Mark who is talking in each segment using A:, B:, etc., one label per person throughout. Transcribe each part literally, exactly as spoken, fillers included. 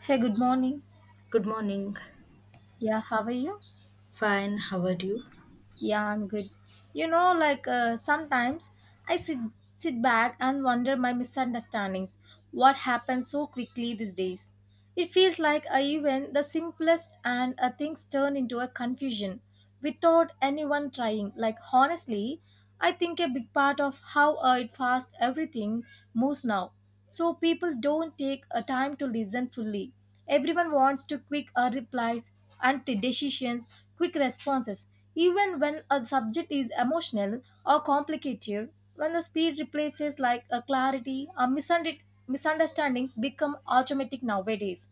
A: Hey, good morning.
B: Good morning.
A: Yeah, how are you?
B: Fine. How are you?
A: Yeah, I'm good. You know, like uh, sometimes I sit sit back and wonder my misunderstandings. What happens so quickly these days? It feels like uh, even the simplest and uh, things turn into a confusion without anyone trying. Like honestly, I think a big part of how uh, it fast everything moves now. So people don't take a time to listen fully. Everyone wants to quick uh, replies and t- decisions, quick responses. Even when a subject is emotional or complicated, when the speed replaces like a clarity, a misunder- misunderstandings become automatic nowadays.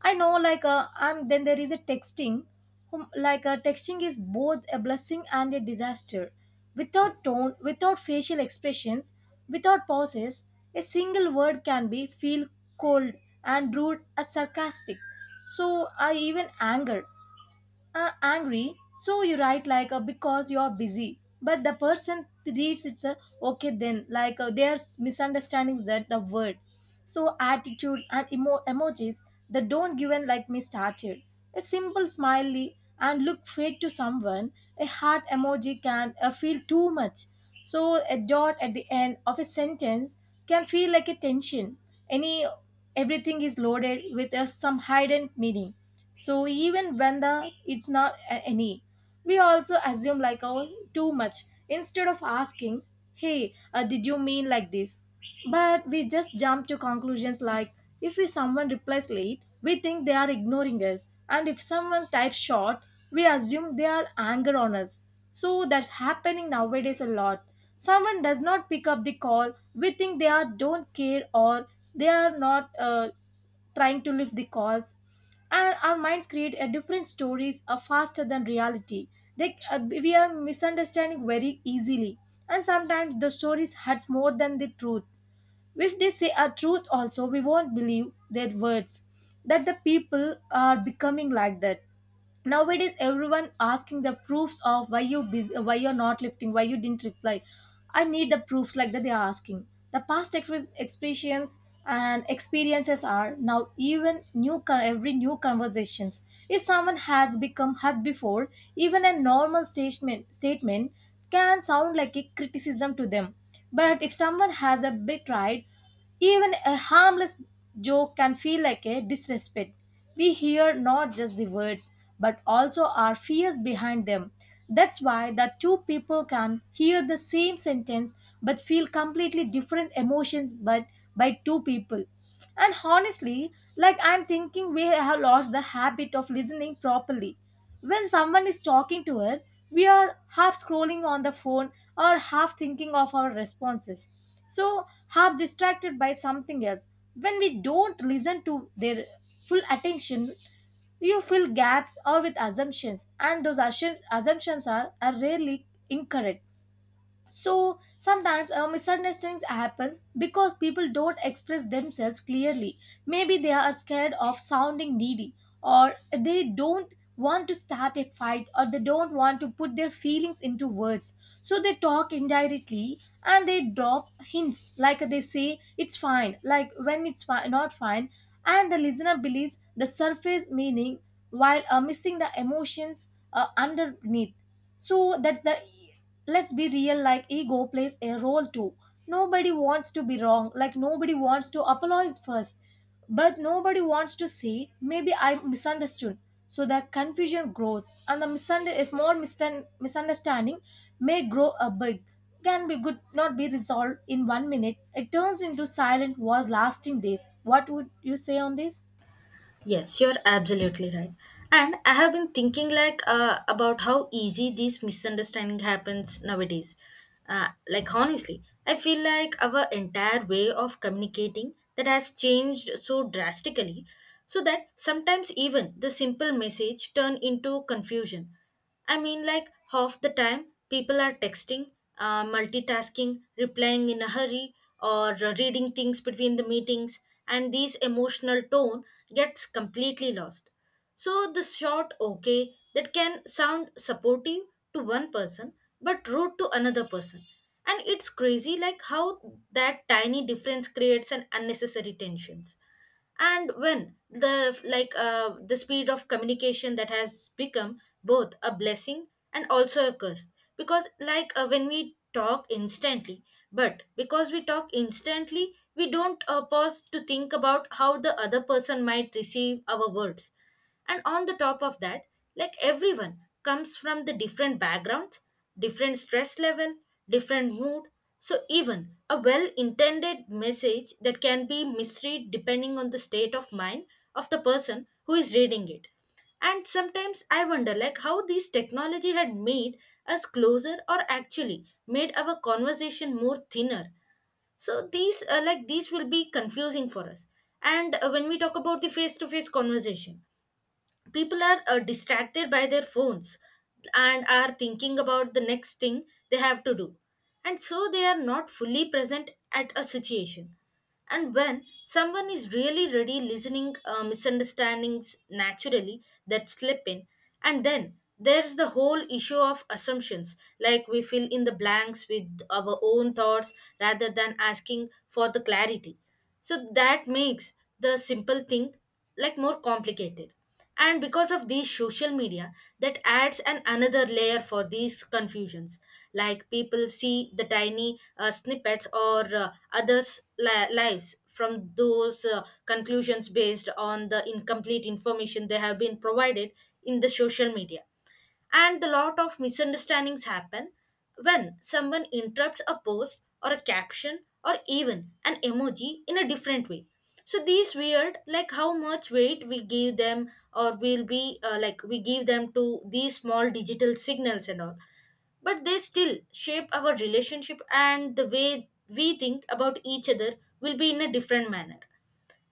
A: I know, like, uh, I'm then there is a texting, whom, like, uh, texting is both a blessing and a disaster. Without tone, without facial expressions, without pauses, a single word can be feel cold and rude as sarcastic. So I even anger uh, angry, so you write like uh, because you're busy, but the person reads it's a okay then like uh, there's misunderstandings that the word, so attitudes and emo- emojis that don't given like me started, a simple smiley and look fake to someone, a heart emoji can uh, feel too much, so a dot at the end of a sentence can feel like a tension, any, everything is loaded with uh, some hidden meaning. So even when the it's not a- any, we also assume like oh too much instead of asking hey, uh, did you mean like this? But we just jump to conclusions like, if we someone replies late we think they are ignoring us, and if someone types short we assume they are anger on us. So that's happening nowadays a lot. Someone does not pick up the call, we think they are don't care or they are not uh, trying to lift the calls, and our minds create a different stories are faster than reality. They uh, We are misunderstanding very easily, and sometimes the stories hurts more than the truth. If they say a truth also we won't believe their words, that the people are becoming like that. Nowadays everyone asking the proofs of why you busy, why you're not lifting, why you didn't reply. I need the proofs like that they're asking. The past ex- experience and experiences are now even new con- every new conversations. If someone has become hurt before, even a normal statement statement can sound like a criticism to them. But if someone has a betrayed, even a harmless joke can feel like a disrespect. We hear not just the words, but also our fears behind them. That's why the two people can hear the same sentence but feel completely different emotions, but by two people. And honestly, like I'm thinking we have lost the habit of listening properly. When someone is talking to us, we are half scrolling on the phone or half thinking of our responses. So, half distracted by something else. When we don't listen to their full attention, you fill gaps or with assumptions, and those assu- assumptions are, are rarely incorrect. So sometimes uh, misunderstandings happen because people don't express themselves clearly. Maybe they are scared of sounding needy, or they don't want to start a fight, or they don't want to put their feelings into words, so they talk indirectly and they drop hints like they say it's fine like when it's fi- not fine, and the listener believes the surface meaning while uh, missing the emotions uh, underneath. So that's the, let's be real, like ego plays a role too. Nobody wants to be wrong, like nobody wants to apologize first, but nobody wants to say maybe I misunderstood. So the confusion grows, and the misunder- is more mistan- misunderstanding may grow a big, can be good not be resolved in one minute, it turns into silent wars lasting days. What would you say on this?
B: Yes, you're absolutely right. And I have been thinking like uh, about how easy this misunderstanding happens nowadays. Uh, like honestly, I feel like our entire way of communicating that has changed so drastically, so that sometimes even the simple message turn into confusion. I mean, like half the time, people are texting, uh, multitasking, replying in a hurry, or uh, reading things between the meetings, and these emotional tone gets completely lost. So, the short okay that can sound supportive to one person but rude to another person. And it's crazy, like how that tiny difference creates an unnecessary tensions. And when the like uh, the speed of communication that has become both a blessing and also a curse because like uh, when we talk instantly but because we talk instantly we don't uh, pause to think about how the other person might receive our words. And on the top of that, like everyone comes from the different backgrounds, different stress level, different mood, so even a well intended message that can be misread depending on the state of mind of the person who is reading it. And sometimes I wonder like how this technology had made us closer or actually made our conversation more thinner. So these uh, like these will be confusing for us. And uh, when we talk about the face to face conversation, people are uh, distracted by their phones and are thinking about the next thing they have to do, and so they are not fully present at a situation. And when someone is really ready listening, uh, misunderstandings naturally that slip in. And then there's the whole issue of assumptions, like we fill in the blanks with our own thoughts rather than asking for the clarity. So that makes the simple thing like more complicated. And because of these social media, that adds an another layer for these confusions. Like people see the tiny uh, snippets or uh, others li- lives from those uh, conclusions based on the incomplete information they have been provided in the social media. And a lot of misunderstandings happen when someone interrupts a post or a caption or even an emoji in a different way. So these weird like how much weight we give them, or will be uh, like we give them to these small digital signals and all, but they still shape our relationship and the way we think about each other, will be in a different manner.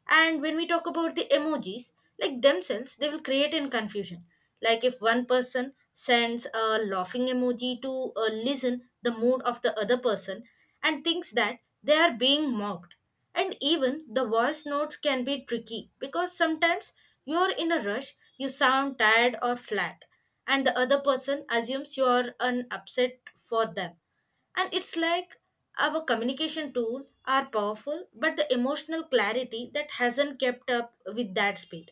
B: And when we talk about the emojis, like themselves, they will create in confusion. Like if one person sends a laughing emoji to uh, listen the mood of the other person and thinks that they are being mocked. And even the voice notes can be tricky because sometimes you are in a rush, you sound tired or flat, and the other person assumes you are an upset for them. And it's like our communication tool are powerful, but the emotional clarity that hasn't kept up with that speed.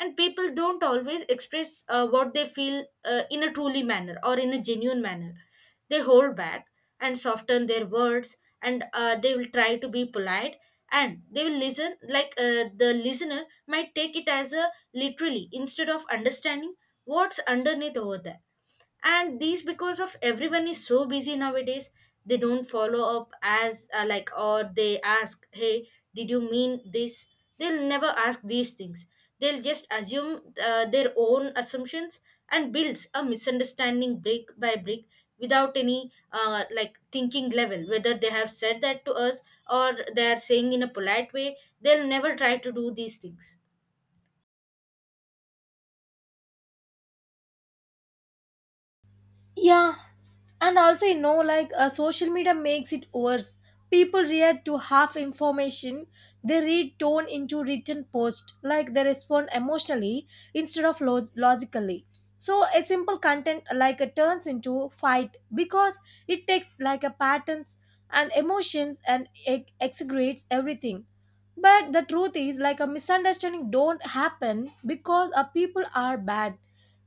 B: And people don't always express uh, what they feel uh, in a truly manner or in a genuine manner. They hold back and soften their words, and uh, they will try to be polite and they will listen like uh, the listener might take it as a literally instead of understanding what's underneath over there. And these because of everyone is so busy nowadays, they don't follow up as uh, like, or they ask, hey, did you mean this? They'll never ask these things. They'll just assume uh, their own assumptions and builds a misunderstanding brick by brick without any uh, like thinking level whether they have said that to us or they are saying in a polite way. They'll never try to do these things.
A: Yeah, s- and also you know, like uh, social media makes it worse. People react to half information. They read tone into written post, like they respond emotionally instead of lo- logically. So a simple content like a turns into fight, because it takes like a patterns and emotions, and ex- exaggerates everything. But the truth is, like a misunderstanding don't happen because our people are bad.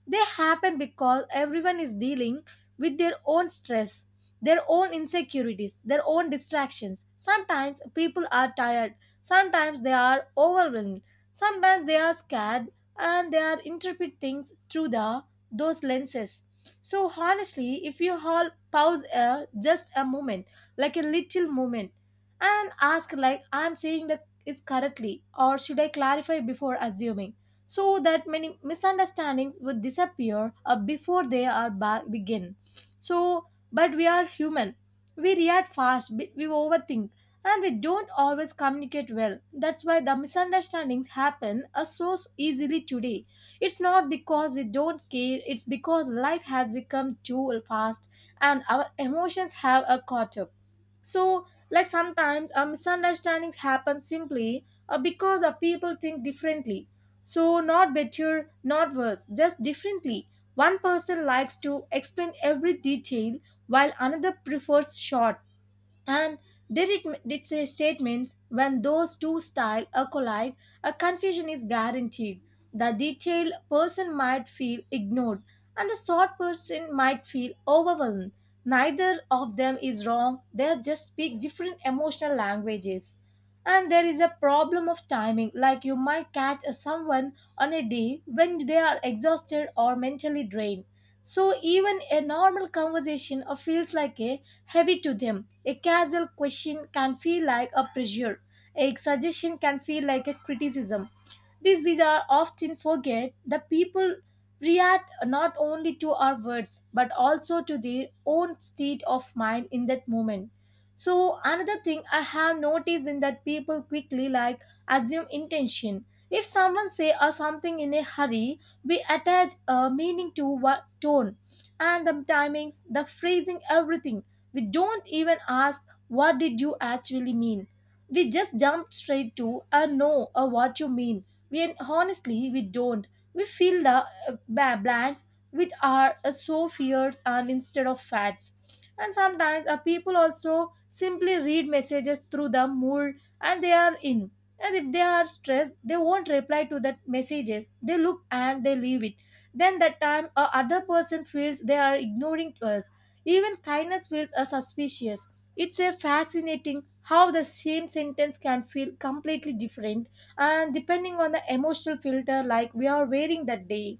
A: They happen because everyone is dealing with their own stress, their own insecurities, their own distractions. Sometimes people are tired, sometimes they are overwhelmed, sometimes they are scared, and they are interpret things through the those lenses. So honestly, if you all pause a, just a moment, like a little moment, and ask like I'm saying that is correctly, or should I clarify before assuming? So that many misunderstandings would disappear uh, before they are ba- begin. So, but we are human. We react fast, we we overthink, and we don't always communicate well. That's why the misunderstandings happen uh, so easily today. It's not because we don't care, it's because life has become too fast and our emotions have a caught up. So like sometimes uh, misunderstandings happen simply uh, because uh, people think differently, so not better not worse, just differently. One person likes to explain every detail, while another prefers short and did it did say statements. When those two styles collide, a confusion is guaranteed. The detailed person might feel ignored, and the short person might feel overwhelmed. Neither of them is wrong, they just speak different emotional languages. And there is a problem of timing, like you might catch a someone on a day when they are exhausted or mentally drained. So even a normal conversation uh, feels like a heavy to them. A casual question can feel like a pressure. A suggestion can feel like a criticism. These visas often forget that people react not only to our words but also to their own state of mind in that moment. So another thing I have noticed in that people quickly like assume intention. If someone say or something in a hurry, we attach a meaning to what tone and the timings, the phrasing, everything. We don't even ask what did you actually mean. We just jump straight to a no or what you mean, we honestly we don't. We fill the uh, ba- blanks with our uh, so fears and instead of facts. And sometimes uh, people also simply read messages through the mood and they are in. And if they are stressed, they won't reply to that messages. They look and they leave it. Then that time, a other person feels they are ignoring us. Even kindness feels uh, suspicious. It's a fascinating how the same sentence can feel completely different and depending on the emotional filter like we are wearing that day.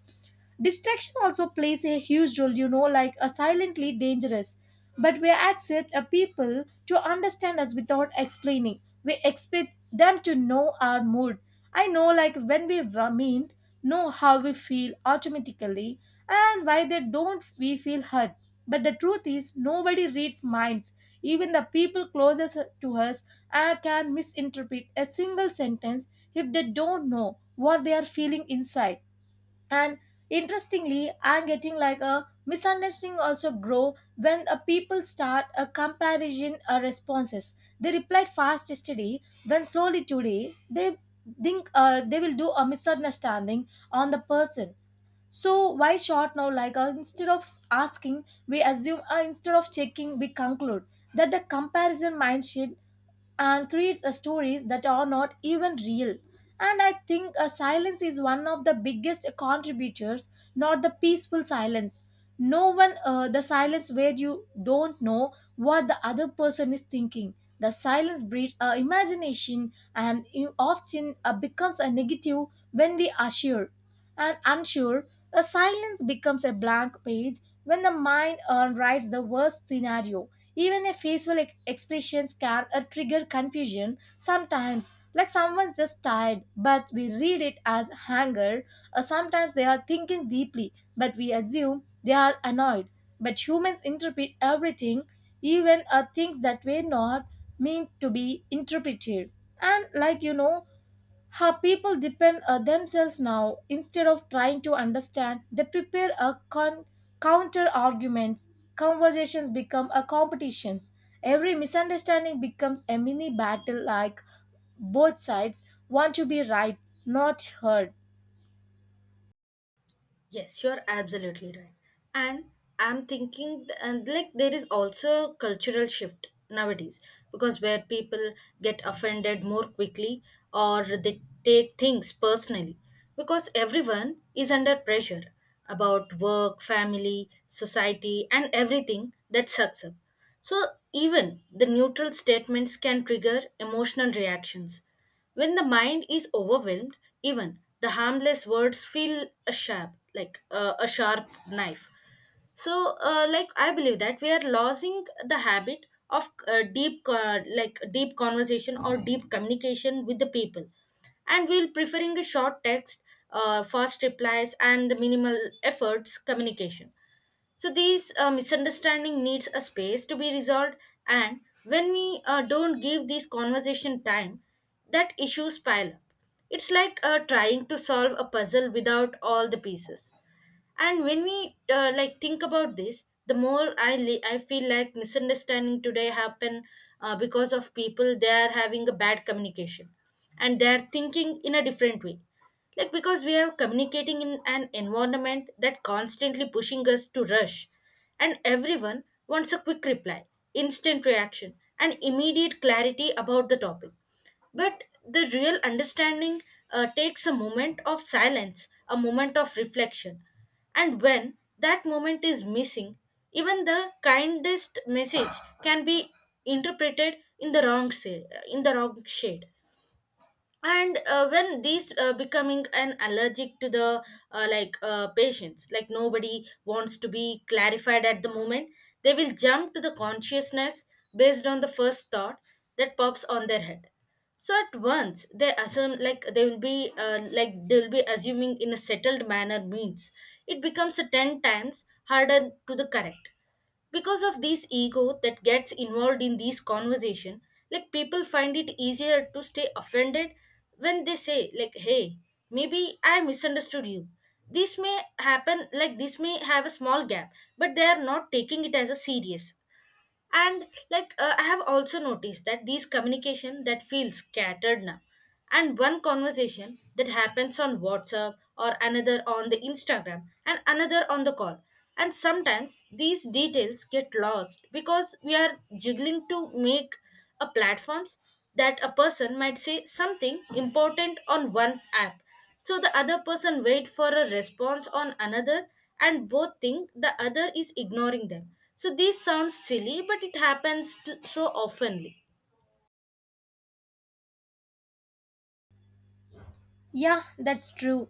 A: Distraction also plays a huge role, you know, like a silently dangerous. But we accept a people to understand us without explaining. We expect them to know our mood. I know, like when we wa- meet, know how we feel automatically, and why they don't we feel hurt. But the truth is, nobody reads minds. Even the people closest to us uh, can misinterpret a single sentence if they don't know what they are feeling inside. And interestingly I'm getting like a misunderstanding also grow when a people start a comparison uh, responses. They replied fast yesterday when slowly today, they think uh, they will do a misunderstanding on the person. So why short now, like uh, instead of asking we assume, uh, instead of checking we conclude, that the comparison mindset and creates a stories that are not even real. And I think a silence is one of the biggest contributors, not the peaceful silence. No one, uh, the silence where you don't know what the other person is thinking. The silence breeds our imagination and it often uh, becomes a negative when we are sure and unsure. A silence becomes a blank page when the mind uh, writes the worst scenario. Even a facial ex- expressions can uh, trigger confusion sometimes, like someone's just tired, but we read it as anger, or sometimes they are thinking deeply, but we assume they are annoyed. But humans interpret everything, even uh, things that were not meant to be interpreted. And like you know, how people depend on themselves now instead of trying to understand they prepare a con- counter arguments, conversations become a competitions, every misunderstanding becomes a mini battle like both sides want to be right, not heard.
B: Yes, you're absolutely right. And I'm thinking, th- and like, there is also cultural shift nowadays because where people get offended more quickly or they take things personally because everyone is under pressure about work, family, society, and everything that sucks up. So, even the neutral statements can trigger emotional reactions when the mind is overwhelmed, even the harmless words feel a sharp, like uh, a sharp knife. So, uh, like I believe that we are losing the habit of uh, deep, uh, like deep conversation or deep communication with the people, and we'll preferring a short text, uh, fast replies, and the minimal efforts communication. So these uh, misunderstanding needs a space to be resolved, and when we uh, don't give these conversation time, that issues pile up. It's like uh, trying to solve a puzzle without all the pieces. And when we uh, like think about this, the more i li- i feel like misunderstanding today happen uh, because of people they are having a bad communication and they are thinking in a different way, like because we are communicating in an environment that constantly pushing us to rush. And everyone wants a quick reply, instant reaction, and immediate clarity about the topic. But the real understanding uh, takes a moment of silence, a moment of reflection. And when that moment is missing, even the kindest message can be interpreted in the wrong sa- in the wrong shade. And uh, when these uh, becoming an allergic to the uh, like uh, patients, like nobody wants to be clarified at the moment, they will jump to the consciousness based on the first thought that pops on their head. So at once they assume like they will be uh, like they will be assuming in a settled manner means it becomes a ten times harder to the correct because of this ego that gets involved in these conversation. Like people find it easier to stay offended when they say, like, hey, maybe I misunderstood you, this may happen like this may have a small gap, but they are not taking it as a serious. And like uh, I have also noticed that these communication that feels scattered now, and one conversation that happens on WhatsApp or another on the Instagram and another on the call, and sometimes these details get lost because we are juggling to make a platforms, that a person might say something important on one app, so the other person wait for a response on another, and both think the other is ignoring them. So this sounds silly but it happens to, so oftenly.
A: Yeah, that's true.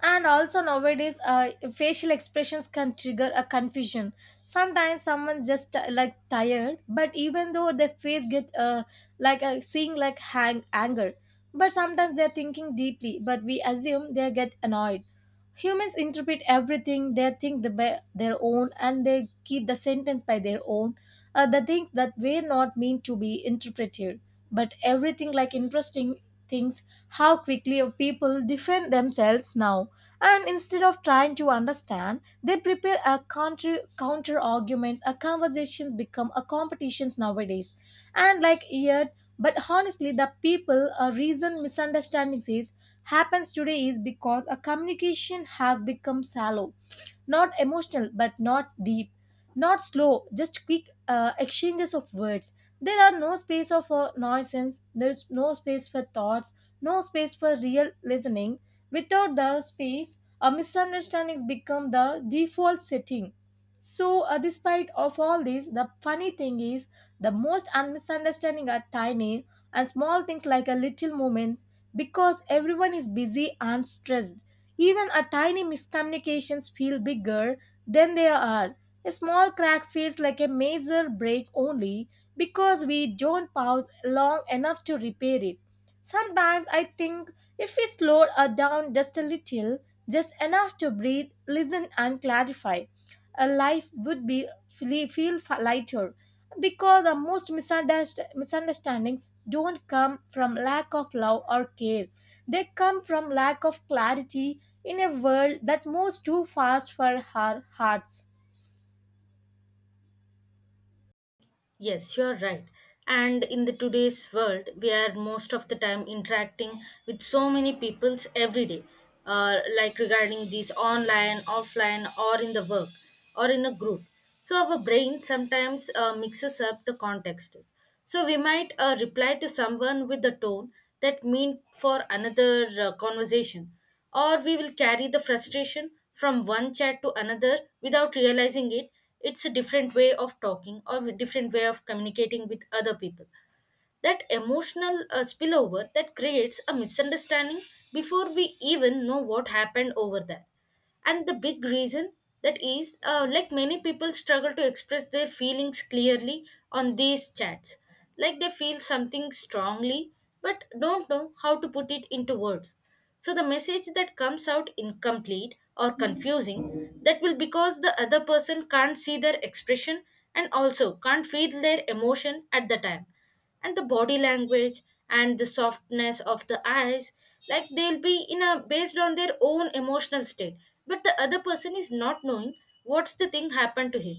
A: And also nowadays, uh, facial expressions can trigger a confusion. Sometimes someone just uh, like tired, but even though their face get uh, like uh, seeing like hang anger. But sometimes they're thinking deeply but we assume they get annoyed. Humans interpret everything, they think the by their own and they keep the sentence by their own. Uh, the things that were not meant to be interpreted, but everything like interesting things, how quickly people defend themselves now, and instead of trying to understand they prepare a counter counter arguments, a conversation become a competitions nowadays. And like yet, but honestly the people a reason misunderstandings is happens today is because a communication has become shallow. Not emotional, but not deep. Not slow, just quick uh, exchanges of words. There are no space of uh, nonsense. There's no space for thoughts. No space for real listening. Without the space, a misunderstandings become the default setting. So, uh, despite of all this, the funny thing is the most misunderstanding are tiny and small things like a little moments, because everyone is busy and stressed. Even a tiny miscommunications feel bigger than they are. A small crack feels like a major break only because we don't pause long enough to repair it. Sometimes I think if we slowed her down just a little, just enough to breathe, listen, and clarify, a life would be feel, feel lighter, because the most misunderst- misunderstandings don't come from lack of love or care, they come from lack of clarity in a world that moves too fast for our hearts.
B: Yes, you're right. And in the today's world, we are most of the time interacting with so many peoples every day, uh, like regarding these online, offline, or in the work, or in a group. So our brain sometimes uh, mixes up the contexts. So we might uh, reply to someone with the tone that mean for another uh, conversation, or we will carry the frustration from one chat to another without realizing it. It's a different way of talking or a different way of communicating with other people, that emotional uh, spillover that creates a misunderstanding before we even know what happened over there. And the big reason that is uh, like many people struggle to express their feelings clearly on these chats. Like they feel something strongly but don't know how to put it into words, so the message that comes out incomplete or confusing, that will because the other person can't see their expression and also can't feel their emotion at the time, and the body language and the softness of the eyes, like they'll be in a based on their own emotional state, but the other person is not knowing what's the thing happened to him.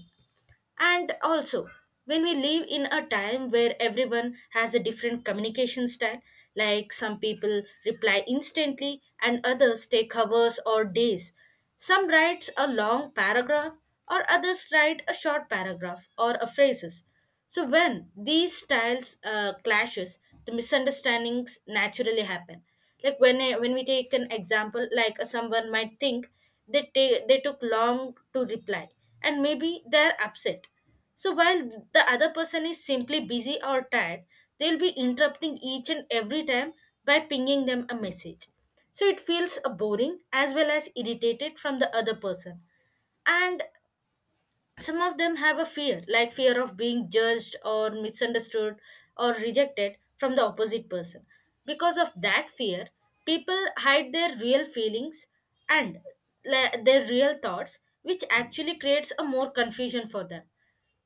B: And also, when we live in a time where everyone has a different communication style, like some people reply instantly and others take hours or days, some writes a long paragraph or others write a short paragraph or a phrases, so when these styles uh, clashes, the misunderstandings naturally happen. Like when when we take an example, like uh, someone might think they take they took long to reply, and maybe they're upset. So while the other person is simply busy or tired, they'll be interrupting each and every time by pinging them a message. So it feels uh, boring as well as irritated from the other person. And some of them have a fear, like fear of being judged or misunderstood or rejected from the opposite person. Because of that fear people hide their real feelings and la- their real thoughts, which actually creates a more confusion for them.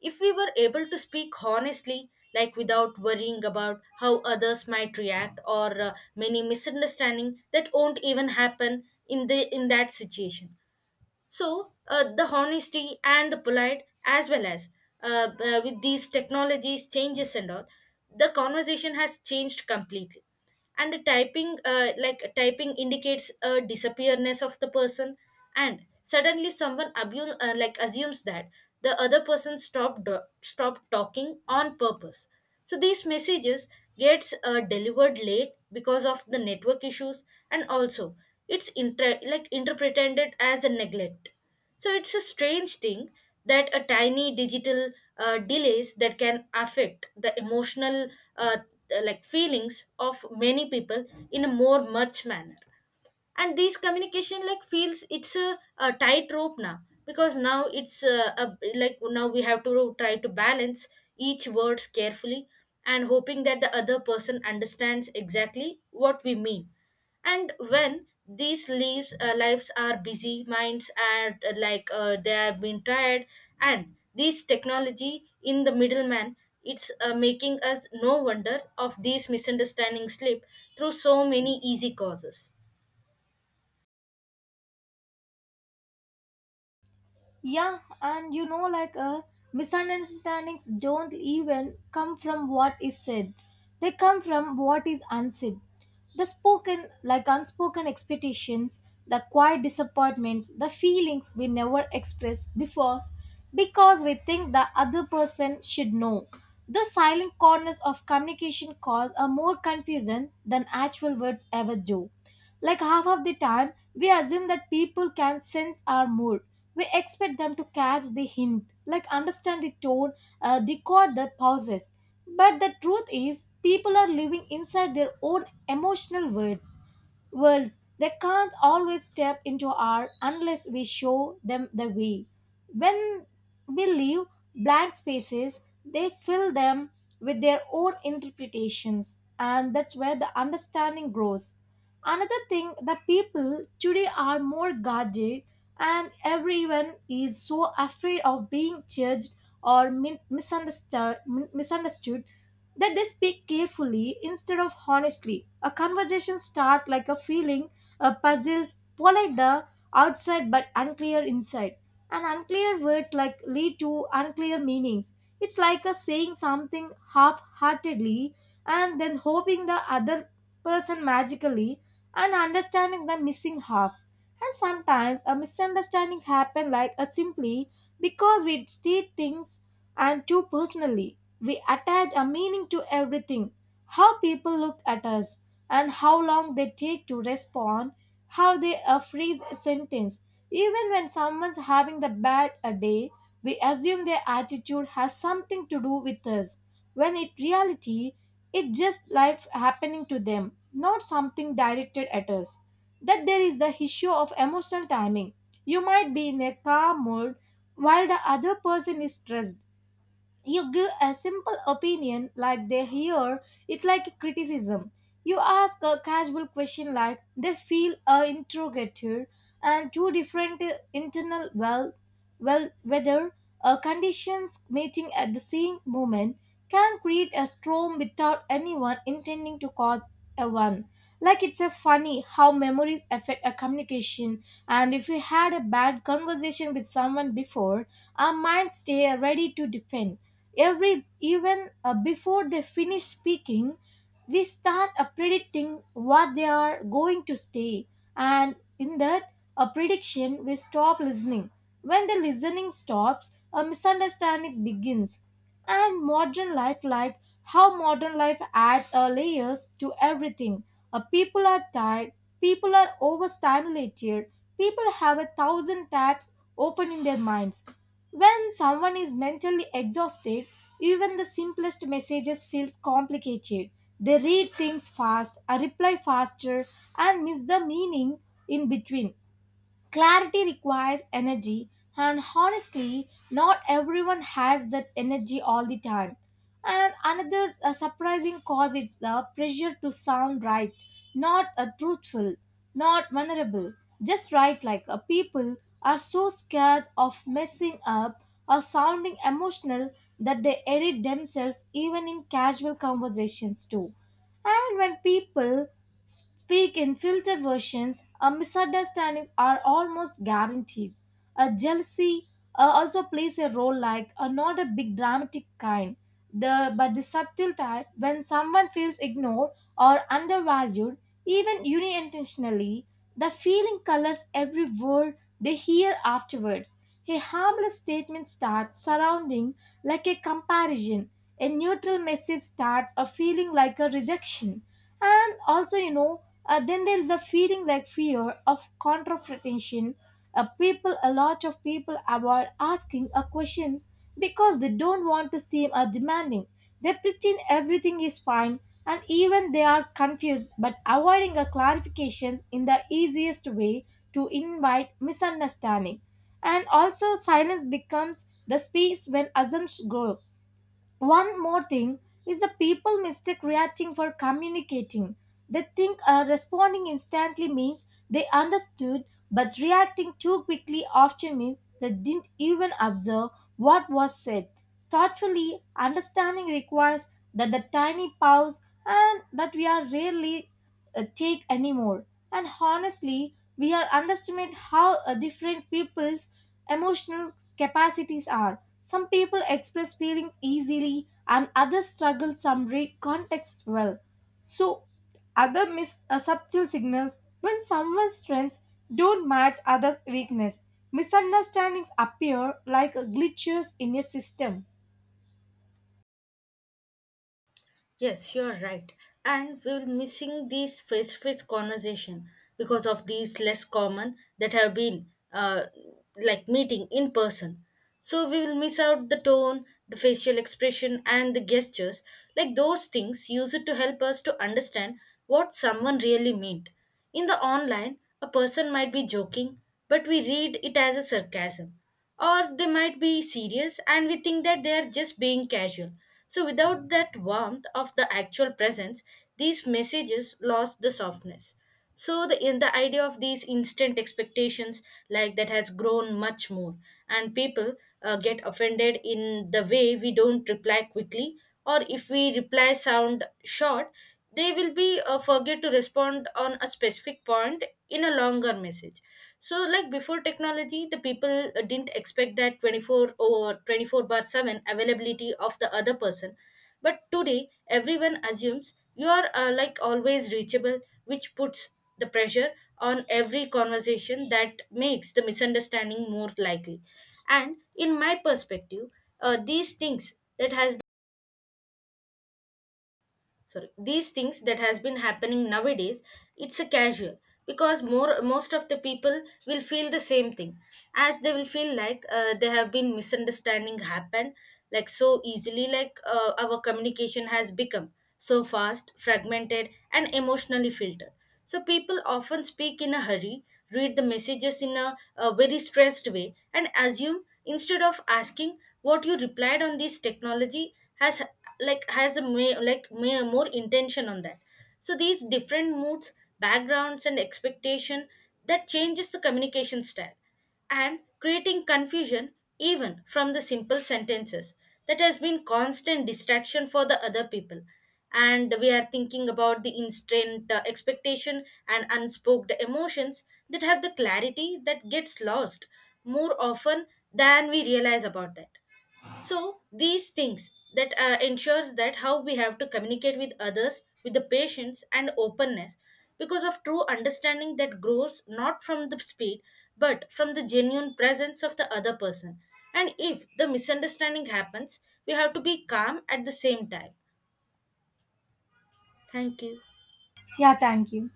B: If we were able to speak honestly, like without worrying about how others might react, or uh, many misunderstanding that won't even happen in the in that situation. So uh, the honesty and the polite as well as uh, uh, with these technologies changes and all, the conversation has changed completely. And the typing, uh, like typing indicates a disappearness of the person, and suddenly someone abu- uh, like assumes that the other person stopped uh, stopped talking on purpose. So these messages gets uh, delivered late because of the network issues, and also it's inter- like interpreted as a neglect. So it's a strange thing that a tiny digital uh, delays that can affect the emotional uh, like feelings of many people in a more much manner. And these communication like feels it's a, a tightrope now, because now it's uh a, like now we have to try to balance each words carefully and hoping that the other person understands exactly what we mean. And when these leaves uh, lives are busy minds, and uh, like uh, they have been tired, and this technology in the middleman, it's uh, making us no wonder of these misunderstandings slip through so many easy causes.
A: Yeah, and you know, like uh, misunderstandings don't even come from what is said; they come from what is unsaid. The spoken, like unspoken expectations, the quiet disappointments, the feelings we never express before, because we think the other person should know. The silent corners of communication cause a more confusion than actual words ever do. Like half of the time, we assume that people can sense our mood, we expect them to catch the hint, like understand the tone, uh, decode the pauses. But the truth is, people are living inside their own emotional words, worlds they can't always step into our unless we show them the way. When we leave blank spaces, they fill them with their own interpretations, and that's where the understanding grows. Another thing that people today are more guarded, and everyone is so afraid of being judged or min- misunderstood, min- misunderstood, that they speak carefully instead of honestly. A conversation start like a feeling, a puzzles, polite the outside but unclear inside. And unclear words like lead to unclear meanings. It's like a saying something half-heartedly and then hoping the other person magically and understanding the missing half. And sometimes a misunderstandings happen like a simply because we state things and too personally, we attach a meaning to everything, how people look at us, and how long they take to respond, how they uh, phrase a sentence. Even when someone's having the bad a day, we assume their attitude has something to do with us, when in reality, it's just life happening to them, not something directed at us. That there is the issue of emotional timing. You might be in a calm mood while the other person is stressed, you give a simple opinion like they hear it's like a criticism, you ask a casual question like they feel a interrogator, and two different uh, internal well well whether uh, conditions meeting at the same moment can create a storm without anyone intending to cause a one. Like it's a funny how memories affect a communication, and if we had a bad conversation with someone before, our minds stay ready to defend. Every even uh, before they finish speaking, we start uh, predicting what they are going to say, and in that a prediction, we stop listening. When the listening stops, a misunderstanding begins. And modern life like how modern life adds uh, layers to everything. Uh, people are tired, people are overstimulated, people have a thousand tabs open in their minds. When someone is mentally exhausted, even the simplest messages feels complicated, they read things fast, uh, reply faster and miss the meaning in between. Clarity requires energy, and honestly, not everyone has that energy all the time. And another uh, surprising cause is the pressure to sound right, not uh, truthful, not vulnerable, just right. Like uh, people are so scared of messing up or sounding emotional that they edit themselves even in casual conversations too. And when people speak in filtered versions, uh, misunderstandings are almost guaranteed. Uh, jealousy uh, also plays a role, like uh, not a big dramatic kind, the but the subtle type. When someone feels ignored or undervalued, even unintentionally, the feeling colors every word they hear afterwards. A harmless statement starts surrounding like a comparison. A neutral message starts a feeling like a rejection. And also you know, uh, then there's the feeling like fear of confrontation. Uh, people a lot of people avoid asking uh, questions because they don't want to seem uh, demanding, they pretend everything is fine, and even they are confused but avoiding a clarifications in the easiest way to invite misunderstanding. And also silence becomes the space when assumptions grow. One more thing is, the people mistake reacting for communicating. They think uh, responding instantly means they understood, but reacting too quickly often means they didn't even observe what was said. Thoughtfully, understanding requires that the tiny pause and that we are rarely uh, take anymore. And honestly, we are underestimate how uh, different people's emotional capacities are. Some people express feelings easily and others struggle, some read context well. So other miss uh, subtle signals when someone's strengths don't match others' weakness. Misunderstandings appear like glitches in a system.
B: Yes, you're right. And we're missing these face to face conversation because of these less common that have been uh, like meeting in person. So we will miss out the tone, the facial expression, and the gestures. Like those things, use it to help us to understand what someone really meant. In the online, a person might be joking, but we read it as a sarcasm. Or they might be serious and we think that they are just being casual. So without that warmth of the actual presence, these messages lost the softness. So the in the idea of these instant expectations, like that has grown much more, and people uh, get offended in the way we don't reply quickly, or if we reply sound short. They will be uh, forget to respond on a specific point in a longer message. So like before technology the people uh, didn't expect that twenty four or twenty four bar seven availability of the other person, but today everyone assumes you are uh, like always reachable, which puts the pressure on every conversation that makes the misunderstanding more likely. And in my perspective, uh, these things that has sorry these things that has been happening nowadays, it's a casual, because more most of the people will feel the same thing, as they will feel like uh, there have been misunderstanding happened like so easily. Like uh, our communication has become so fast fragmented and emotionally filtered, so people often speak in a hurry, read the messages in a, a very stressed way, and assume instead of asking what you replied on this technology has like has a may, like may, more intention on that. So these different moods, backgrounds, and expectation that changes the communication style and creating confusion even from the simple sentences that has been constant distraction for the other people. And we are thinking about the instant uh, expectation and unspoken emotions that have the clarity that gets lost more often than we realize about that. So these things that uh, ensures that how we have to communicate with others with the patience and openness, because of true understanding that grows not from the speed but from the genuine presence of the other person. And if the misunderstanding happens, we have to be calm at the same time. Thank you.
A: Yeah, thank you.